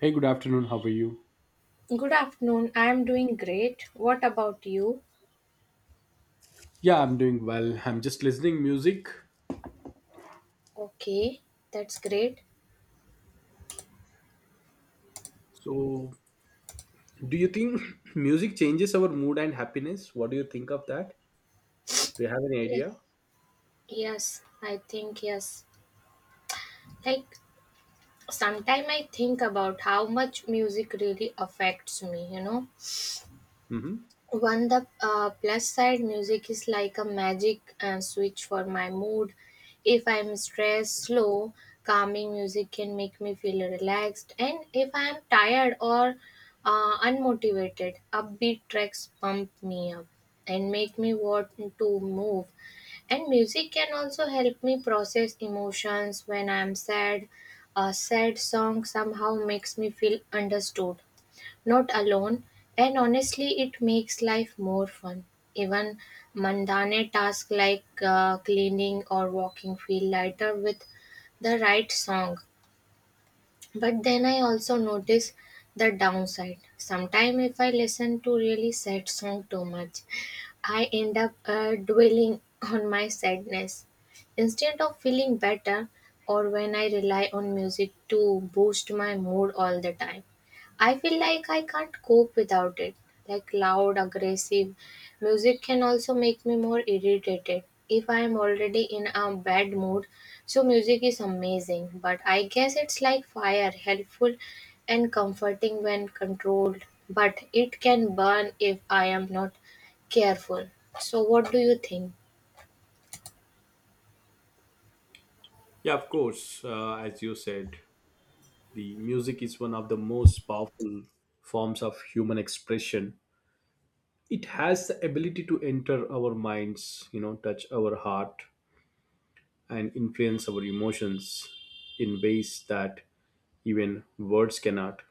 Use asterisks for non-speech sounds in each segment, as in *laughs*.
Hey, good afternoon. How are you? Good afternoon. I am doing great. What about you? Yeah, I'm doing well. I'm just listening music. Okay, that's great. So, do you think *laughs* *clears throat* music changes our mood and happiness? What do you think of that? Do you have any Yes, idea? yes, I think yes. Like sometimes I think about how much music really affects me, you know. Hmm. One the plus side, music is like a magic switch for my mood. If I'm stressed, slow, calming music can make me feel relaxed. And if I'm tired or unmotivated, upbeat tracks pump me up and make me want to move. And music can also help me process emotions when I'm sad. A sad song somehow makes me feel understood not alone, and honestly, it makes life more fun. Even mundane tasks like cleaning or walking feel lighter with the right song. But then I also notice the downside. Sometimes, if I listen to really sad song too much, I end up dwelling on my sadness instead of feeling better, or when I rely on music to boost my mood all the time. I feel like I can't cope without it. Like loud, aggressive music can also make me more irritated if I am already in a bad mood. So, music is amazing, but I guess it's like fire, helpful and comforting when controlled, but it can burn if I am not careful. So, what do you think? Yeah, of course. As you said, the music is one of the most powerful forms of human expression. It has the ability to enter our minds, touch our heart and influence our emotions in ways that even words cannot.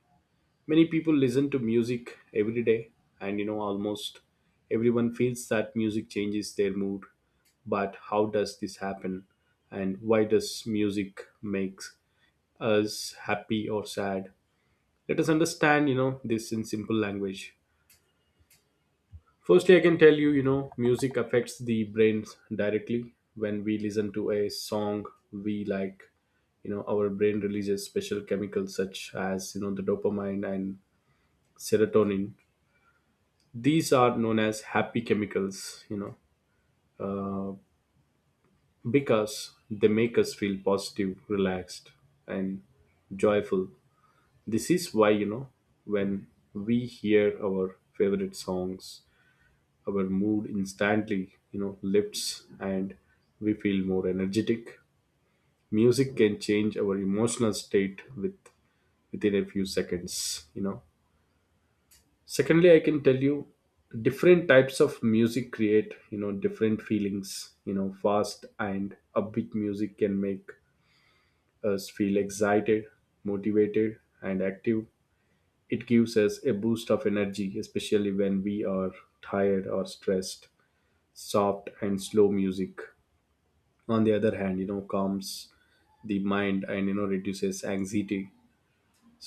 Many people listen to music every day, and almost everyone feels that music changes their mood. But how does this happen? And why does music make us happy or sad? Let us understand, this in simple language. Firstly, I can tell you, music affects the brain directly. When we listen to a song we like, our brain releases special chemicals such as, the dopamine and serotonin. These are known as happy chemicals, uh, because they make us feel positive, relaxed, and joyful. This is why, when we hear our favorite songs, our mood instantly, lifts and we feel more energetic. Music can change our emotional state within a few seconds, secondly, I can tell you different types of music create, different feelings. Fast and upbeat music can make us feel excited, motivated and active. It gives us a boost of energy, especially when we are tired or stressed. Soft and slow music, on the other hand, calms the mind and reduces anxiety.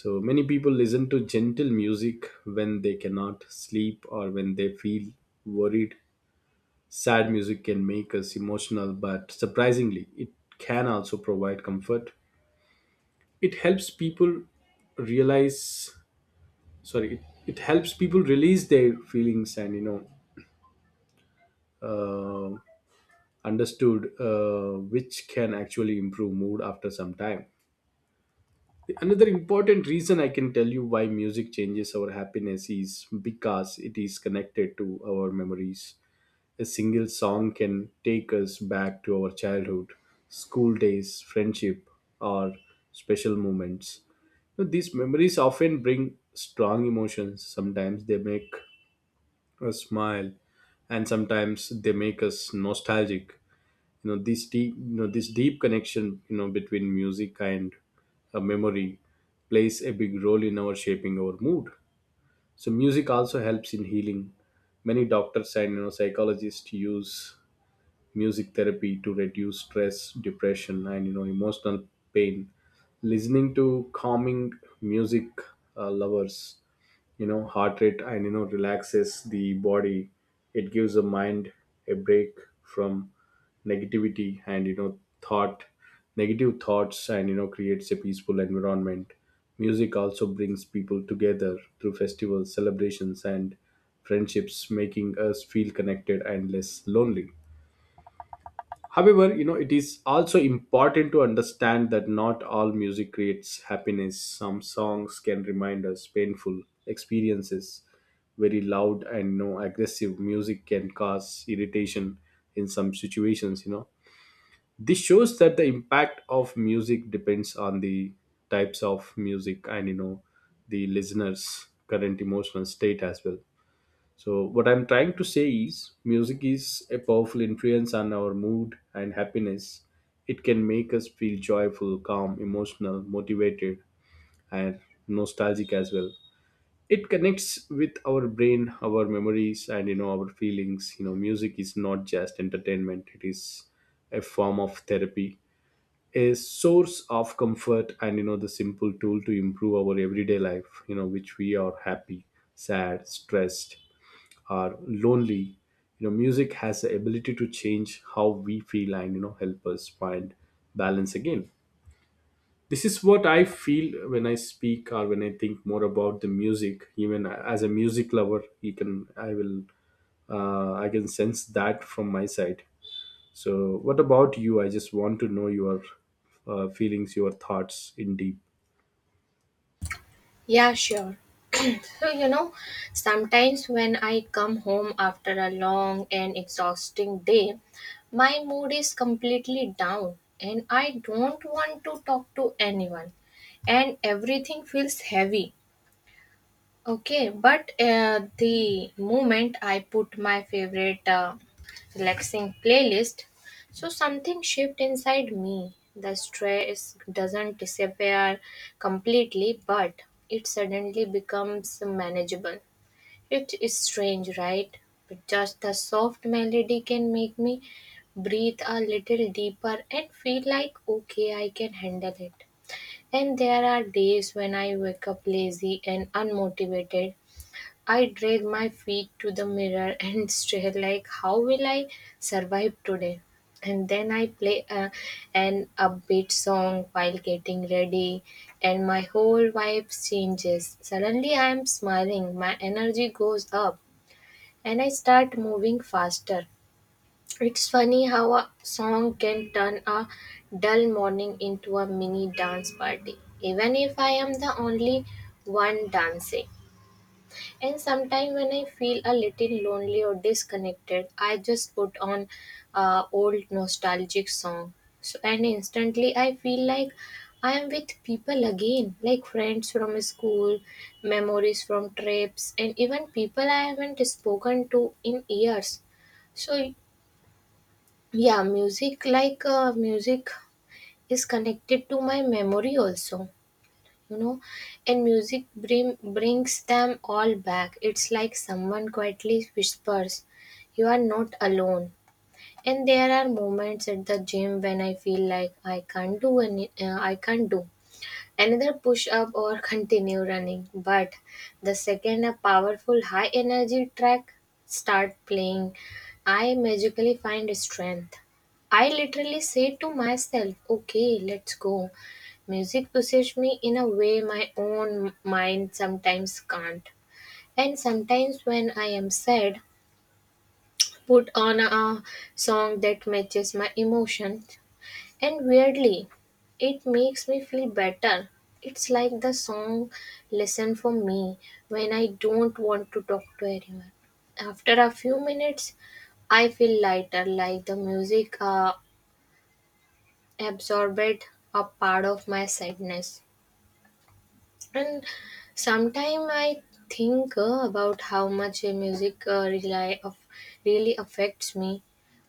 So many people listen to gentle music when they cannot sleep or when they feel worried. Sad music can make us emotional, but surprisingly, it can also provide comfort. It helps people realize, sorry, it helps people release their feelings and, know, understood, which can actually improve mood after some time. Another important reason I can tell you why music changes our happiness is because it is connected to our memories. A single song can take us back to our childhood, school days, friendship, or special moments. Now, these memories often bring strong emotions. Sometimes they make us smile, and sometimes they make us nostalgic. This deep connection, between music and a memory plays a big role in our shaping our mood. So music also helps in healing. Many doctors and psychologists use music therapy to reduce stress, depression and emotional pain. Listening to calming music lovers heart rate and relaxes the body. It gives the mind a break from negativity and you know thought negative thoughts and creates a peaceful environment. Music also brings people together through festivals, celebrations and friendships, making us feel connected and less lonely. However, it is also important to understand that not all music creates happiness. Some songs can remind us painful experiences. Very loud and no aggressive music can cause irritation in some situations, This shows that the impact of music depends on the types of music and the listener's current emotional state as well. So, what I'm trying to say is music is a powerful influence on our mood and happiness. It can make us feel joyful, calm, emotional, motivated, and nostalgic as well. It connects with our brain, our memories, and our feelings. Music is not just entertainment; it is a form of therapy, a source of comfort, and the simple tool to improve our everyday life. Which we are happy, sad, stressed, are lonely. Music has the ability to change how we feel and help us find balance again. This is what I feel when I speak or when I think more about the music. Even as a music lover, you can I will I can sense that from my side. So what about you? I just want to know your feelings, your thoughts in deep. Yeah, sure. *laughs* So, you know, sometimes when I come home after a long and exhausting day, my mood is completely down and I don't want to talk to anyone, and everything feels heavy. Okay, but the moment I put my favorite relaxing playlist, so something shift inside me. The stress doesn't disappear completely, but it suddenly becomes manageable. It is strange, right? But just the soft melody can make me breathe a little deeper and feel like, okay, I can handle it. And there are days when I wake up lazy and unmotivated, I drag my feet to the mirror *laughs* and stare like, how will I survive today? And then an upbeat song while getting ready, and my whole vibe changes. Suddenly, I am smiling, my energy goes up, and I start moving faster. It's funny how a song can turn a dull morning into a mini dance party, even if I am the only one dancing. And sometimes when I feel a little lonely or disconnected, I just put on a old nostalgic song. So and instantly I feel like I am with people again, like friends from school, memories from trips, and even people I haven't spoken to in years. So yeah, music like music is connected to my memory also, you know. And brings them all back. It's like someone quietly whispers you are not alone. And there are moments at the gym when I feel like I can't do another push up or continue running, but the second a powerful high energy track start playing, I magically find strength. I literally say to myself, okay, let's go. Music pushes me in a way my own mind sometimes can't. And sometimes when I am sad, put on a song that matches my emotions, and weirdly, it makes me feel better. It's like the song listen for me when I don't want to talk to anyone. After a few minutes, I feel lighter, like the music absorbed a part of my sadness. And sometimes I think about how much music really affects me.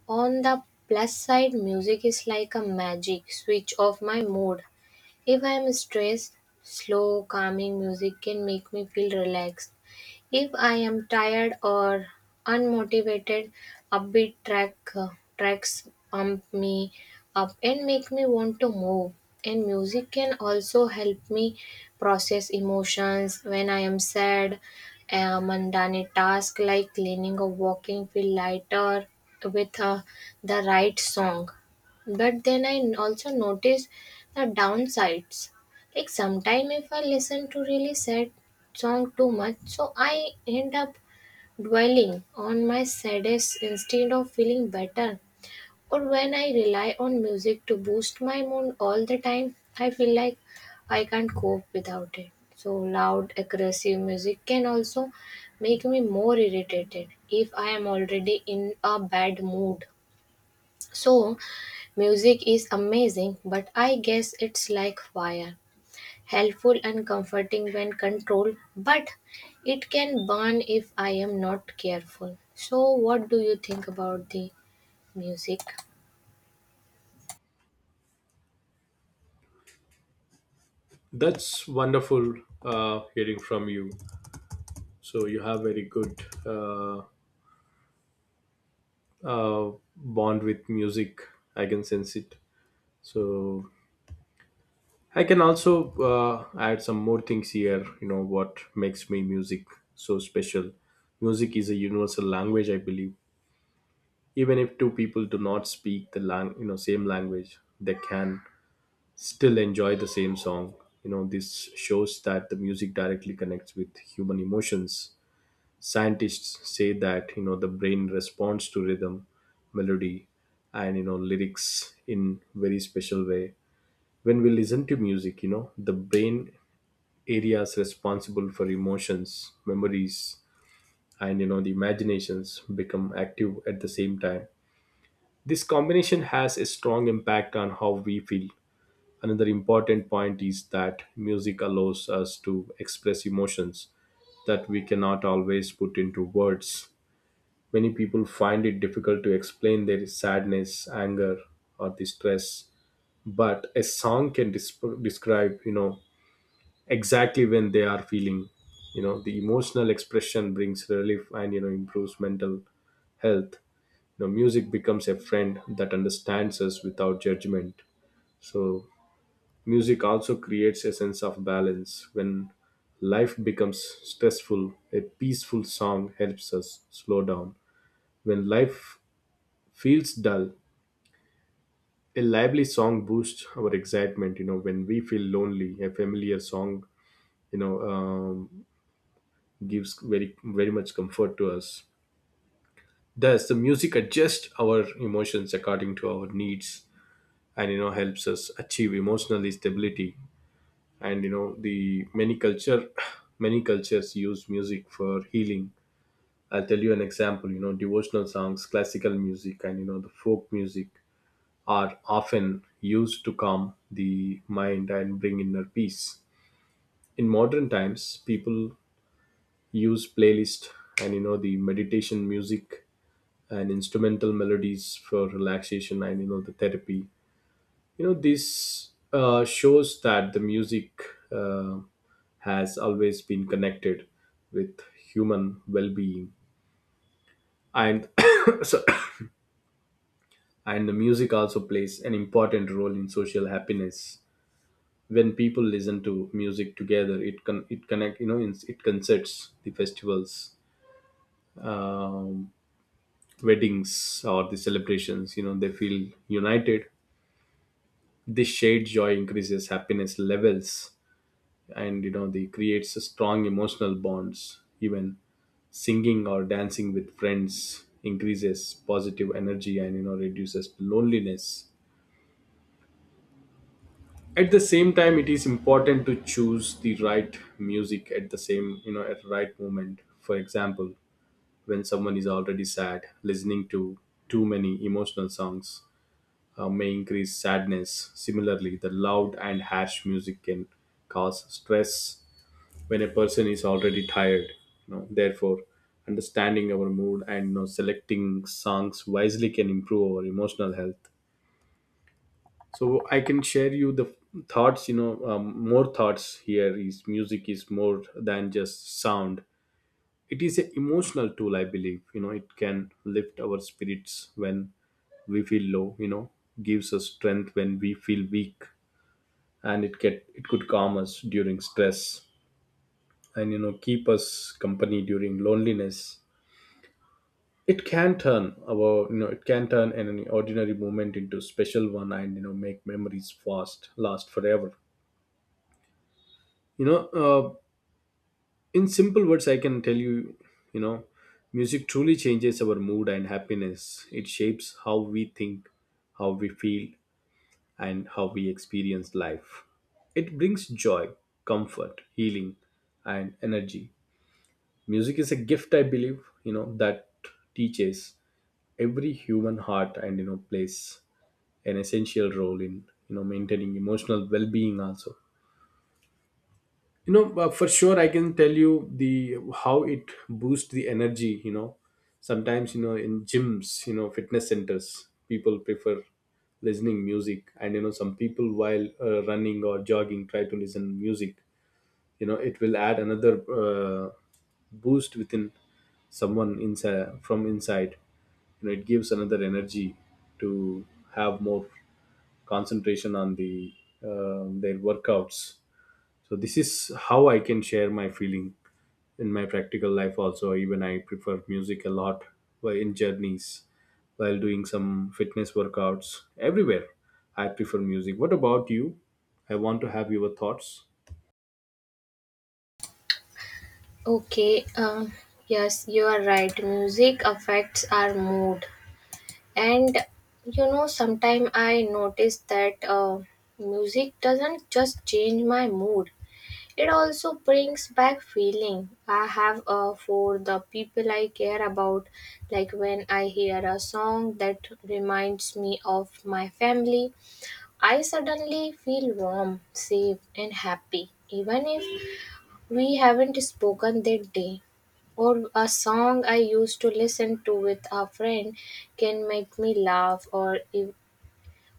On the plus side, music is like a magic switch of my mood. If I am stressed, slow, calming music can make me feel relaxed. If I am tired or unmotivated, upbeat track tracks pump me up and make me want to move. And music can also help me process emotions when I am sad. A mundane task like cleaning or walking feel lighter with the right song. But then I also notice the downsides. Like sometimes if I listen to really sad song too much, so I end up dwelling on my saddest instead of feeling better, or when I rely on music to boost my mood all the time, I feel like I can't cope without it. So loud aggressive music can also make me more irritated if I am already in a bad mood. So music is amazing, but I guess it's like fire. Helpful and comforting when controlled, but it can burn if I am not careful. So, what do you think about the music? That's wonderful hearing from you. So you have very good bond with music. I can sense it. So I can also add some more things here. You know what makes me music so special. Music is a universal language, I believe. Even if two people do not speak the same language, they can still enjoy the same song. This shows that the music directly connects with human emotions. Scientists say that the brain responds to rhythm, melody and lyrics in very special way. When we listen to music, the brain areas responsible for emotions, memories and the imaginations become active at the same time. This combination has a strong impact on how we feel. Another important point is that music allows us to express emotions that we cannot always put into words. Many people find it difficult to explain their sadness, anger, or distress, but a song can describe, exactly when they are feeling. The emotional expression brings relief and improves mental health. Music becomes a friend that understands us without judgment. So, music also creates a sense of balance. When life becomes stressful, a peaceful song helps us slow down. When life feels dull, a lively song boosts our excitement. When we feel lonely, a familiar song, you know, um, gives very very much comfort to us. Thus, the music adjusts our emotions according to our needs, and helps us achieve emotional stability. And *sighs* many cultures use music for healing. I'll tell you an example. Devotional songs, classical music, and the folk music are often used to calm the mind and bring inner peace. In modern times, people use playlist and the meditation music and instrumental melodies for relaxation and the therapy. You know this Shows that the music uh, has always been connected with human well-being and *coughs* so, and the music also plays an important role in social happiness. When people listen to music together, it connect, it concerts, the festivals, um, weddings or the celebrations. They feel united. This shared joy increases happiness levels and they creates a strong emotional bonds. Even singing or dancing with friends increases positive energy and reduces loneliness. At the same time, it is important to choose the right music at the same you know at the right moment. For example, when someone is already sad listening to too many emotional songs, may increase sadness. Similarly, the loud and harsh music can cause stress when a person is already tired, therefore, understanding our mood and, selecting songs wisely can improve our emotional health. So I can share you the thoughts you know more thoughts here is music is more than just sound. It is an emotional tool, I believe. It can lift our spirits when we feel low. Gives us strength when we feel weak, and it could calm us during stress and keep us company during loneliness. It can turn an ordinary moment into special one and make memories fast last forever. you know uh, in simple words I can tell you, you know music truly changes our mood and happiness. It shapes how we think, how we feel and how we experience life. It brings joy, comfort, healing and energy. Music is a gift, I believe, that teaches every human heart and plays an essential role in maintaining emotional well-being also. For sure I can tell you the how it boosts the energy. Sometimes, in gyms, fitness centers, people prefer listening music and some people while running or jogging try to listen music. It will add another uh, boost within someone inside from inside. It gives another energy to have more concentration on their workouts. So this is how I can share my feeling in my practical life also. Even I prefer music a lot while in journeys, while doing some fitness workouts everywhere. I prefer music. What about you? I want to have your thoughts. Okay, yes, you are right. Music affects our mood, and you know, sometimes I notice that music doesn't just change my mood, it also brings back feeling I have for the people I care about, like when I hear a song that reminds me of my family, I suddenly feel warm, safe, and happy, even if we haven't spoken that day, or a song I used to listen to with a friend can make me laugh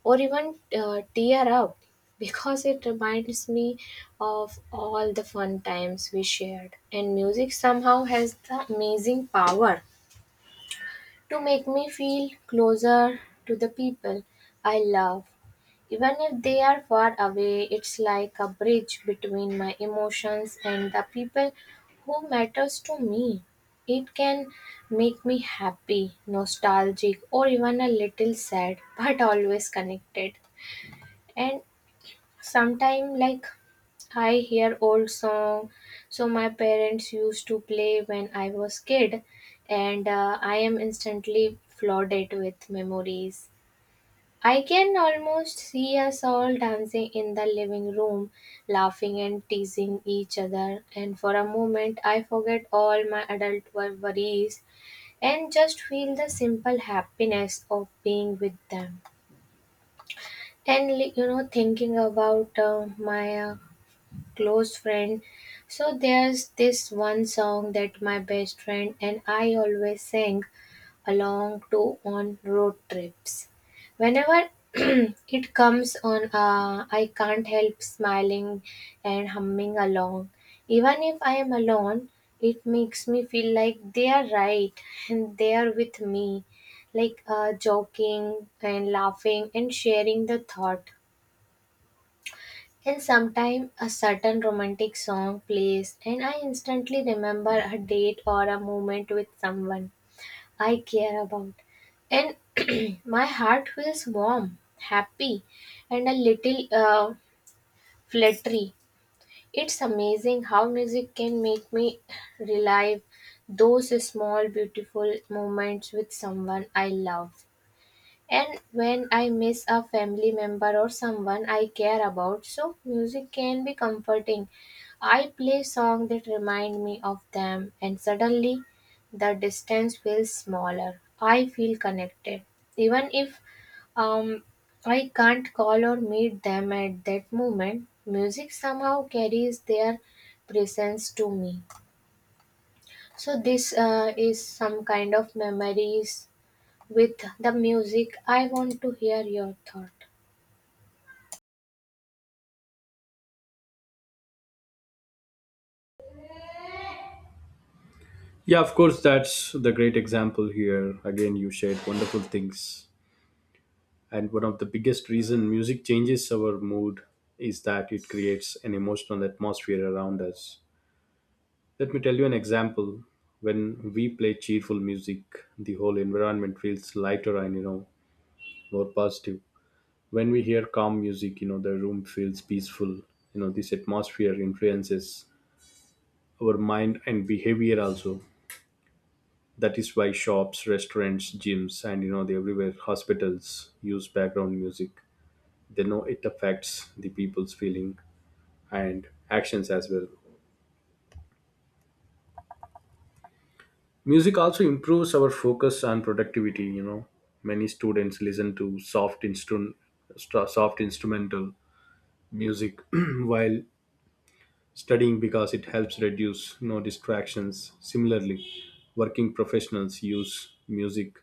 or even tear up because it reminds me of all the fun times we shared. And music somehow has the amazing power to make me feel closer to the people I love. Even if they are far away, it's like a bridge between my emotions and the people who matters to me. It can make me happy, nostalgic, or even a little sad, but always connected. And sometime like I hear old song, so my parents used to play when I was kid, and I am instantly flooded with memories. I can almost see us all dancing in the living room, laughing and teasing each other, and for a moment I forget all my worries and just feel the simple happiness of being with them. And you know, thinking about my close friend. So there's this one song that my best friend and I always sang along to on road trips. Whenever *clears throat* it comes on, I can't help smiling and humming along. Even if I am alone, it makes me feel like they are right and they are with me, like joking and laughing and sharing the thought. And sometimes a certain romantic song plays, and I instantly remember a date or a moment with someone I care about. And *clears throat* my heart feels warm, happy, and a little fluttery. It's amazing how music can make me relive those small, beautiful moments with someone I love. And when I miss a family member or someone I care about, so music can be comforting. I play songs that remind me of them, and suddenly the distance feels smaller. I feel connected, even if um, I can't call or meet them at that moment. Music somehow carries their presence to me. So this is some kind of memories with the music. I want to hear your thought. Yeah, of course. That's the great example here. Again you shared wonderful things, and one of the biggest reason music changes our mood is that it creates an emotional atmosphere around us. Let me tell you an example. When we play cheerful music, the whole environment feels lighter and more positive. When we hear calm music, the room feels peaceful. This atmosphere influences our mind and behavior also. That is why shops, restaurants, gyms, and the everywhere hospitals use background music. They know it affects the people's feeling and actions as well. Music also improves our focus and productivity. Many students listen to soft instrumental music *clears throat* while studying because it helps reduce distractions. Similarly, working professionals use music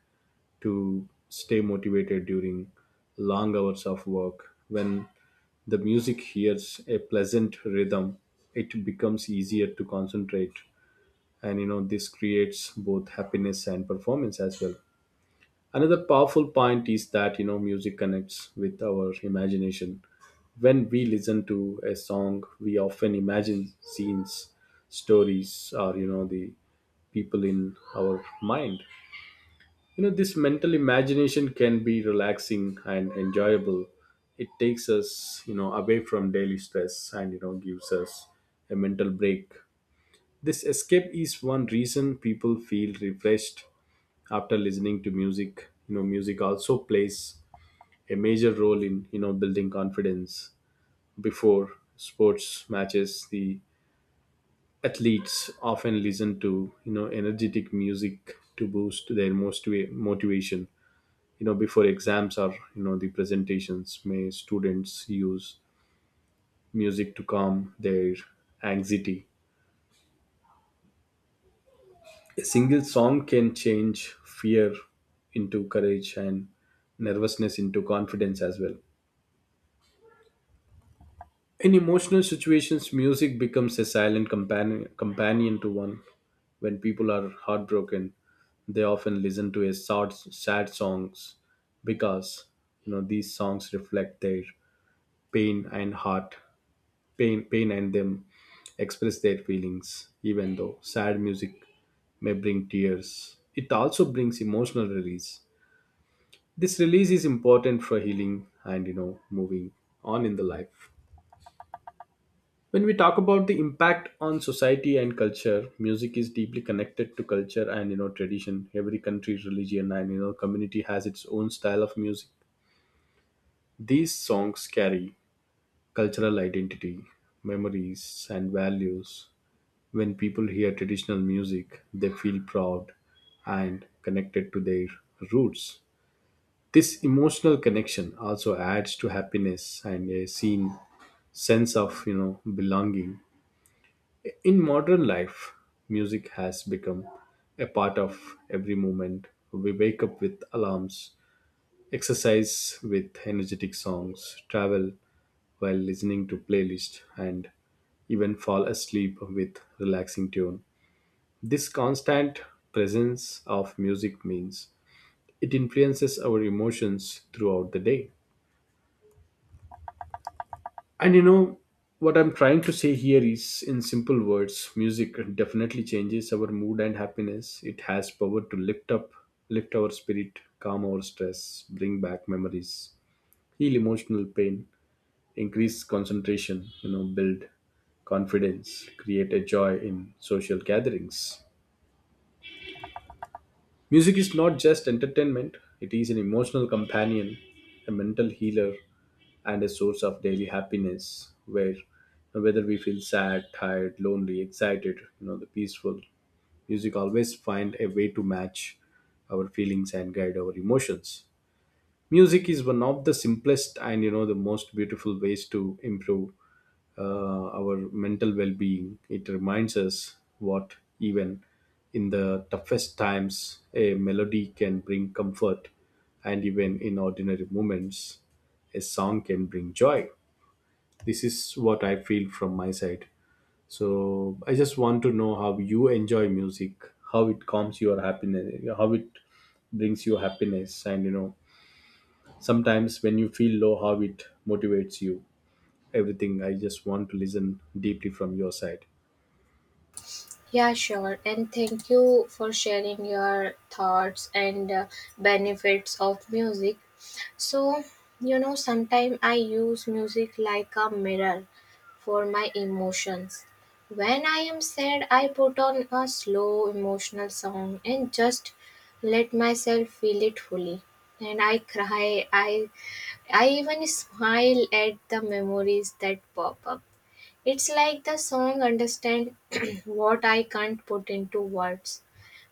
to stay motivated during long hours of work. When the music hears a pleasant rhythm, it becomes easier to concentrate, and this creates both happiness and performance as well. Another powerful point is that music connects with our imagination. When we listen to a song, we often imagine scenes, stories, or the people in our mind. This mental imagination can be relaxing and enjoyable. It takes us away from daily stress and gives us a mental break. This escape is one reason people feel refreshed after listening to music. Music also plays a major role in building confidence before sports matches. The athletes often listen to energetic music to boost their most motivation. You know, before exams or the presentations, may students use music to calm their anxiety. A single song can change fear into courage and nervousness into confidence as well. In emotional situations, music becomes a silent companion to one. When people are heartbroken, they often listen to a sad songs because these songs reflect their pain and heart, pain and them express their feelings. Even though sad music may bring tears, it also brings emotional release. This release is important for healing and moving on in the life. When we talk about the impact on society and culture, music is deeply connected to culture and tradition. Every country, religion, and community has its own style of music. These songs carry cultural identity, memories, and values. When people hear traditional music, they feel proud and connected to their roots. This emotional connection also adds to happiness and a seen sense of belonging. In modern life, music has become a part of every moment. We wake up with alarms, exercise with energetic songs, travel while listening to playlists, and even fall asleep with relaxing tune. This constant presence of music means it influences our emotions throughout the day. And you know, what I'm trying to say here is, in simple words, music definitely changes our mood and happiness. It has power to lift our spirit, calm our stress, bring back memories, heal emotional pain, increase concentration, build confidence, create a joy in social gatherings. Music is not just entertainment, it is an emotional companion, a mental healer, and a source of daily happiness, where whether we feel sad, tired, lonely, excited, the peaceful, music always find a way to match our feelings and guide our emotions. Music is one of the simplest and the most beautiful ways to improve our mental well-being. It reminds us what even in the toughest times a melody can bring comfort, and even in ordinary moments a song can bring joy. This is what I feel from my side. So I just want to know how you enjoy music, how it calms your happiness, how it brings you happiness, and sometimes when you feel low how it motivates you. Everything, I just want to listen deeply from your side. Yeah, sure. And thank you for sharing your thoughts and benefits of music. So, you know, sometimes I use music like a mirror for my emotions. When I am sad, I put on a slow emotional song and just let myself feel it fully. And I cry, I even smile at the memories that pop up. It's like the song understand *clears throat* what I can't put into words.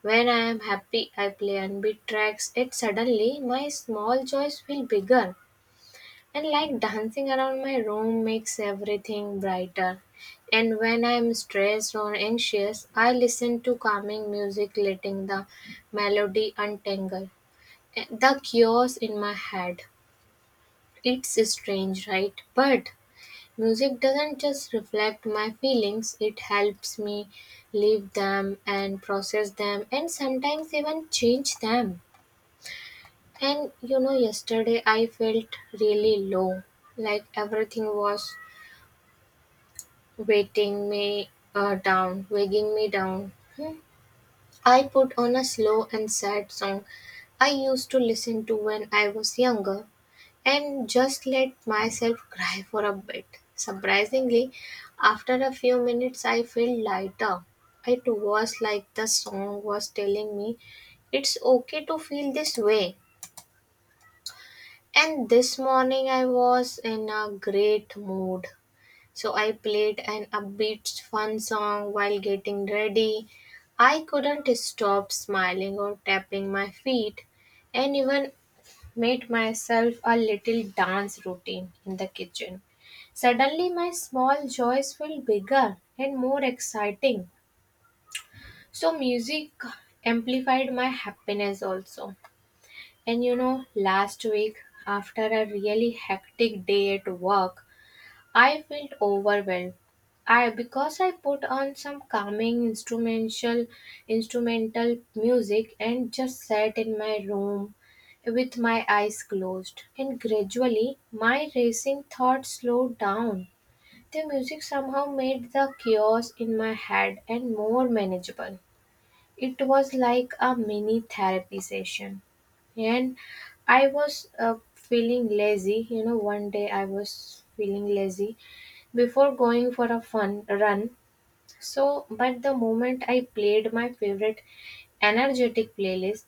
When I am happy, I play upbeat tracks. It suddenly my small joys feel bigger, and like dancing around my room makes everything brighter. And when I am stressed or anxious, I listen to calming music, letting the melody untangle the chaos in my head. It's strange, right? But music doesn't just reflect my feelings, it helps me live them and process them and sometimes even change them. And you know, yesterday I felt really low, like everything was weighing me down. Hmm. I put on a slow and sad song I used to listen to when I was younger, and just let myself cry for a bit. Surprisingly, after a few minutes, I felt lighter. It was like the song was telling me it's okay to feel this way. And this morning, I was in a great mood. So I played an upbeat, fun song while getting ready. I couldn't stop smiling or tapping my feet, and even made myself a little dance routine in the kitchen. Suddenly, my small joys felt bigger and more exciting. So, music amplified my happiness also. And you know, last week, after a really hectic day at work, I felt overwhelmed. I because I put on some calming instrumental music and just sat in my room with my eyes closed, and gradually my racing thoughts slowed down. The music somehow made the chaos in my head and more manageable. It was like a mini therapy session. And I was feeling lazy you know one day I was feeling lazy before going for a fun run. So, but the moment I played my favorite energetic playlist,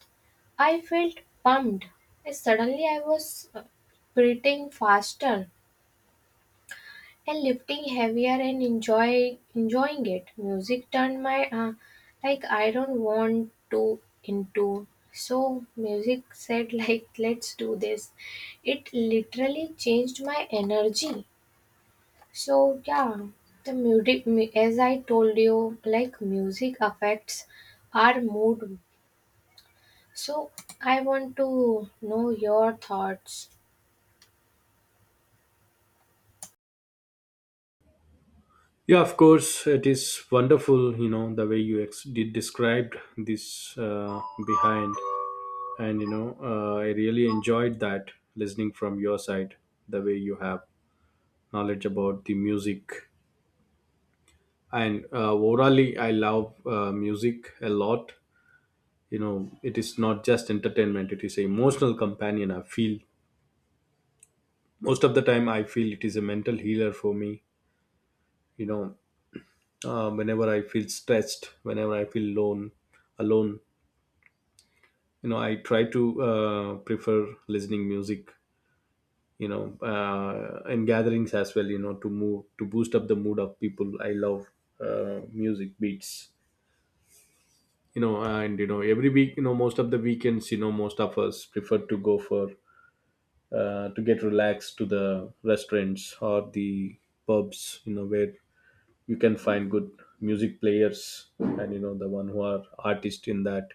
I felt pumped. Suddenly, I was breathing faster and lifting heavier and enjoying it. Music turned my like I don't want to into. So music said *laughs* like let's do this. It literally changed my energy. So yeah, as I told you, like music affects our mood. So I want to know your thoughts. Yeah, of course, it is wonderful the way you ex- did described this, uh, behind, and I really enjoyed that listening from your side, the way you have knowledge about the music. And overally I love music a lot. You know it is not just entertainment, it is an emotional companion, I feel. Most of the time I feel it is a mental healer for me. you know whenever I feel stressed, whenever I feel alone, I try to prefer listening music. In gatherings as well, to move to boost up the mood of people, I love music beats. You know, and every week, most of the weekends, most of us prefer to go for to get relaxed, to the restaurants or the pubs, where you can find good music players and the one who are artist in that.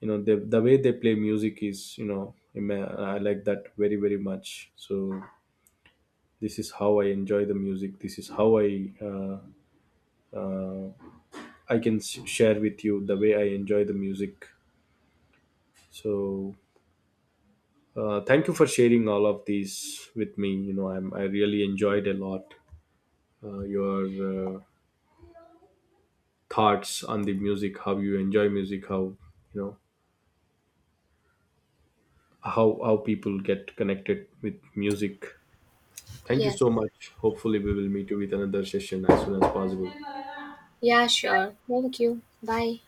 You know, the way they play music is, you know, I like that very, very much. So this is how I enjoy the music, this is how I uh, I can share with you the way I enjoy the music. So, thank you for sharing all of these with me. I really enjoyed a lot your thoughts on the music, how you enjoy music, how you know people get connected with music. Thank you Yes. so much. Hopefully, we will meet you with another session as soon as possible. Yeah, sure. Thank you. Bye.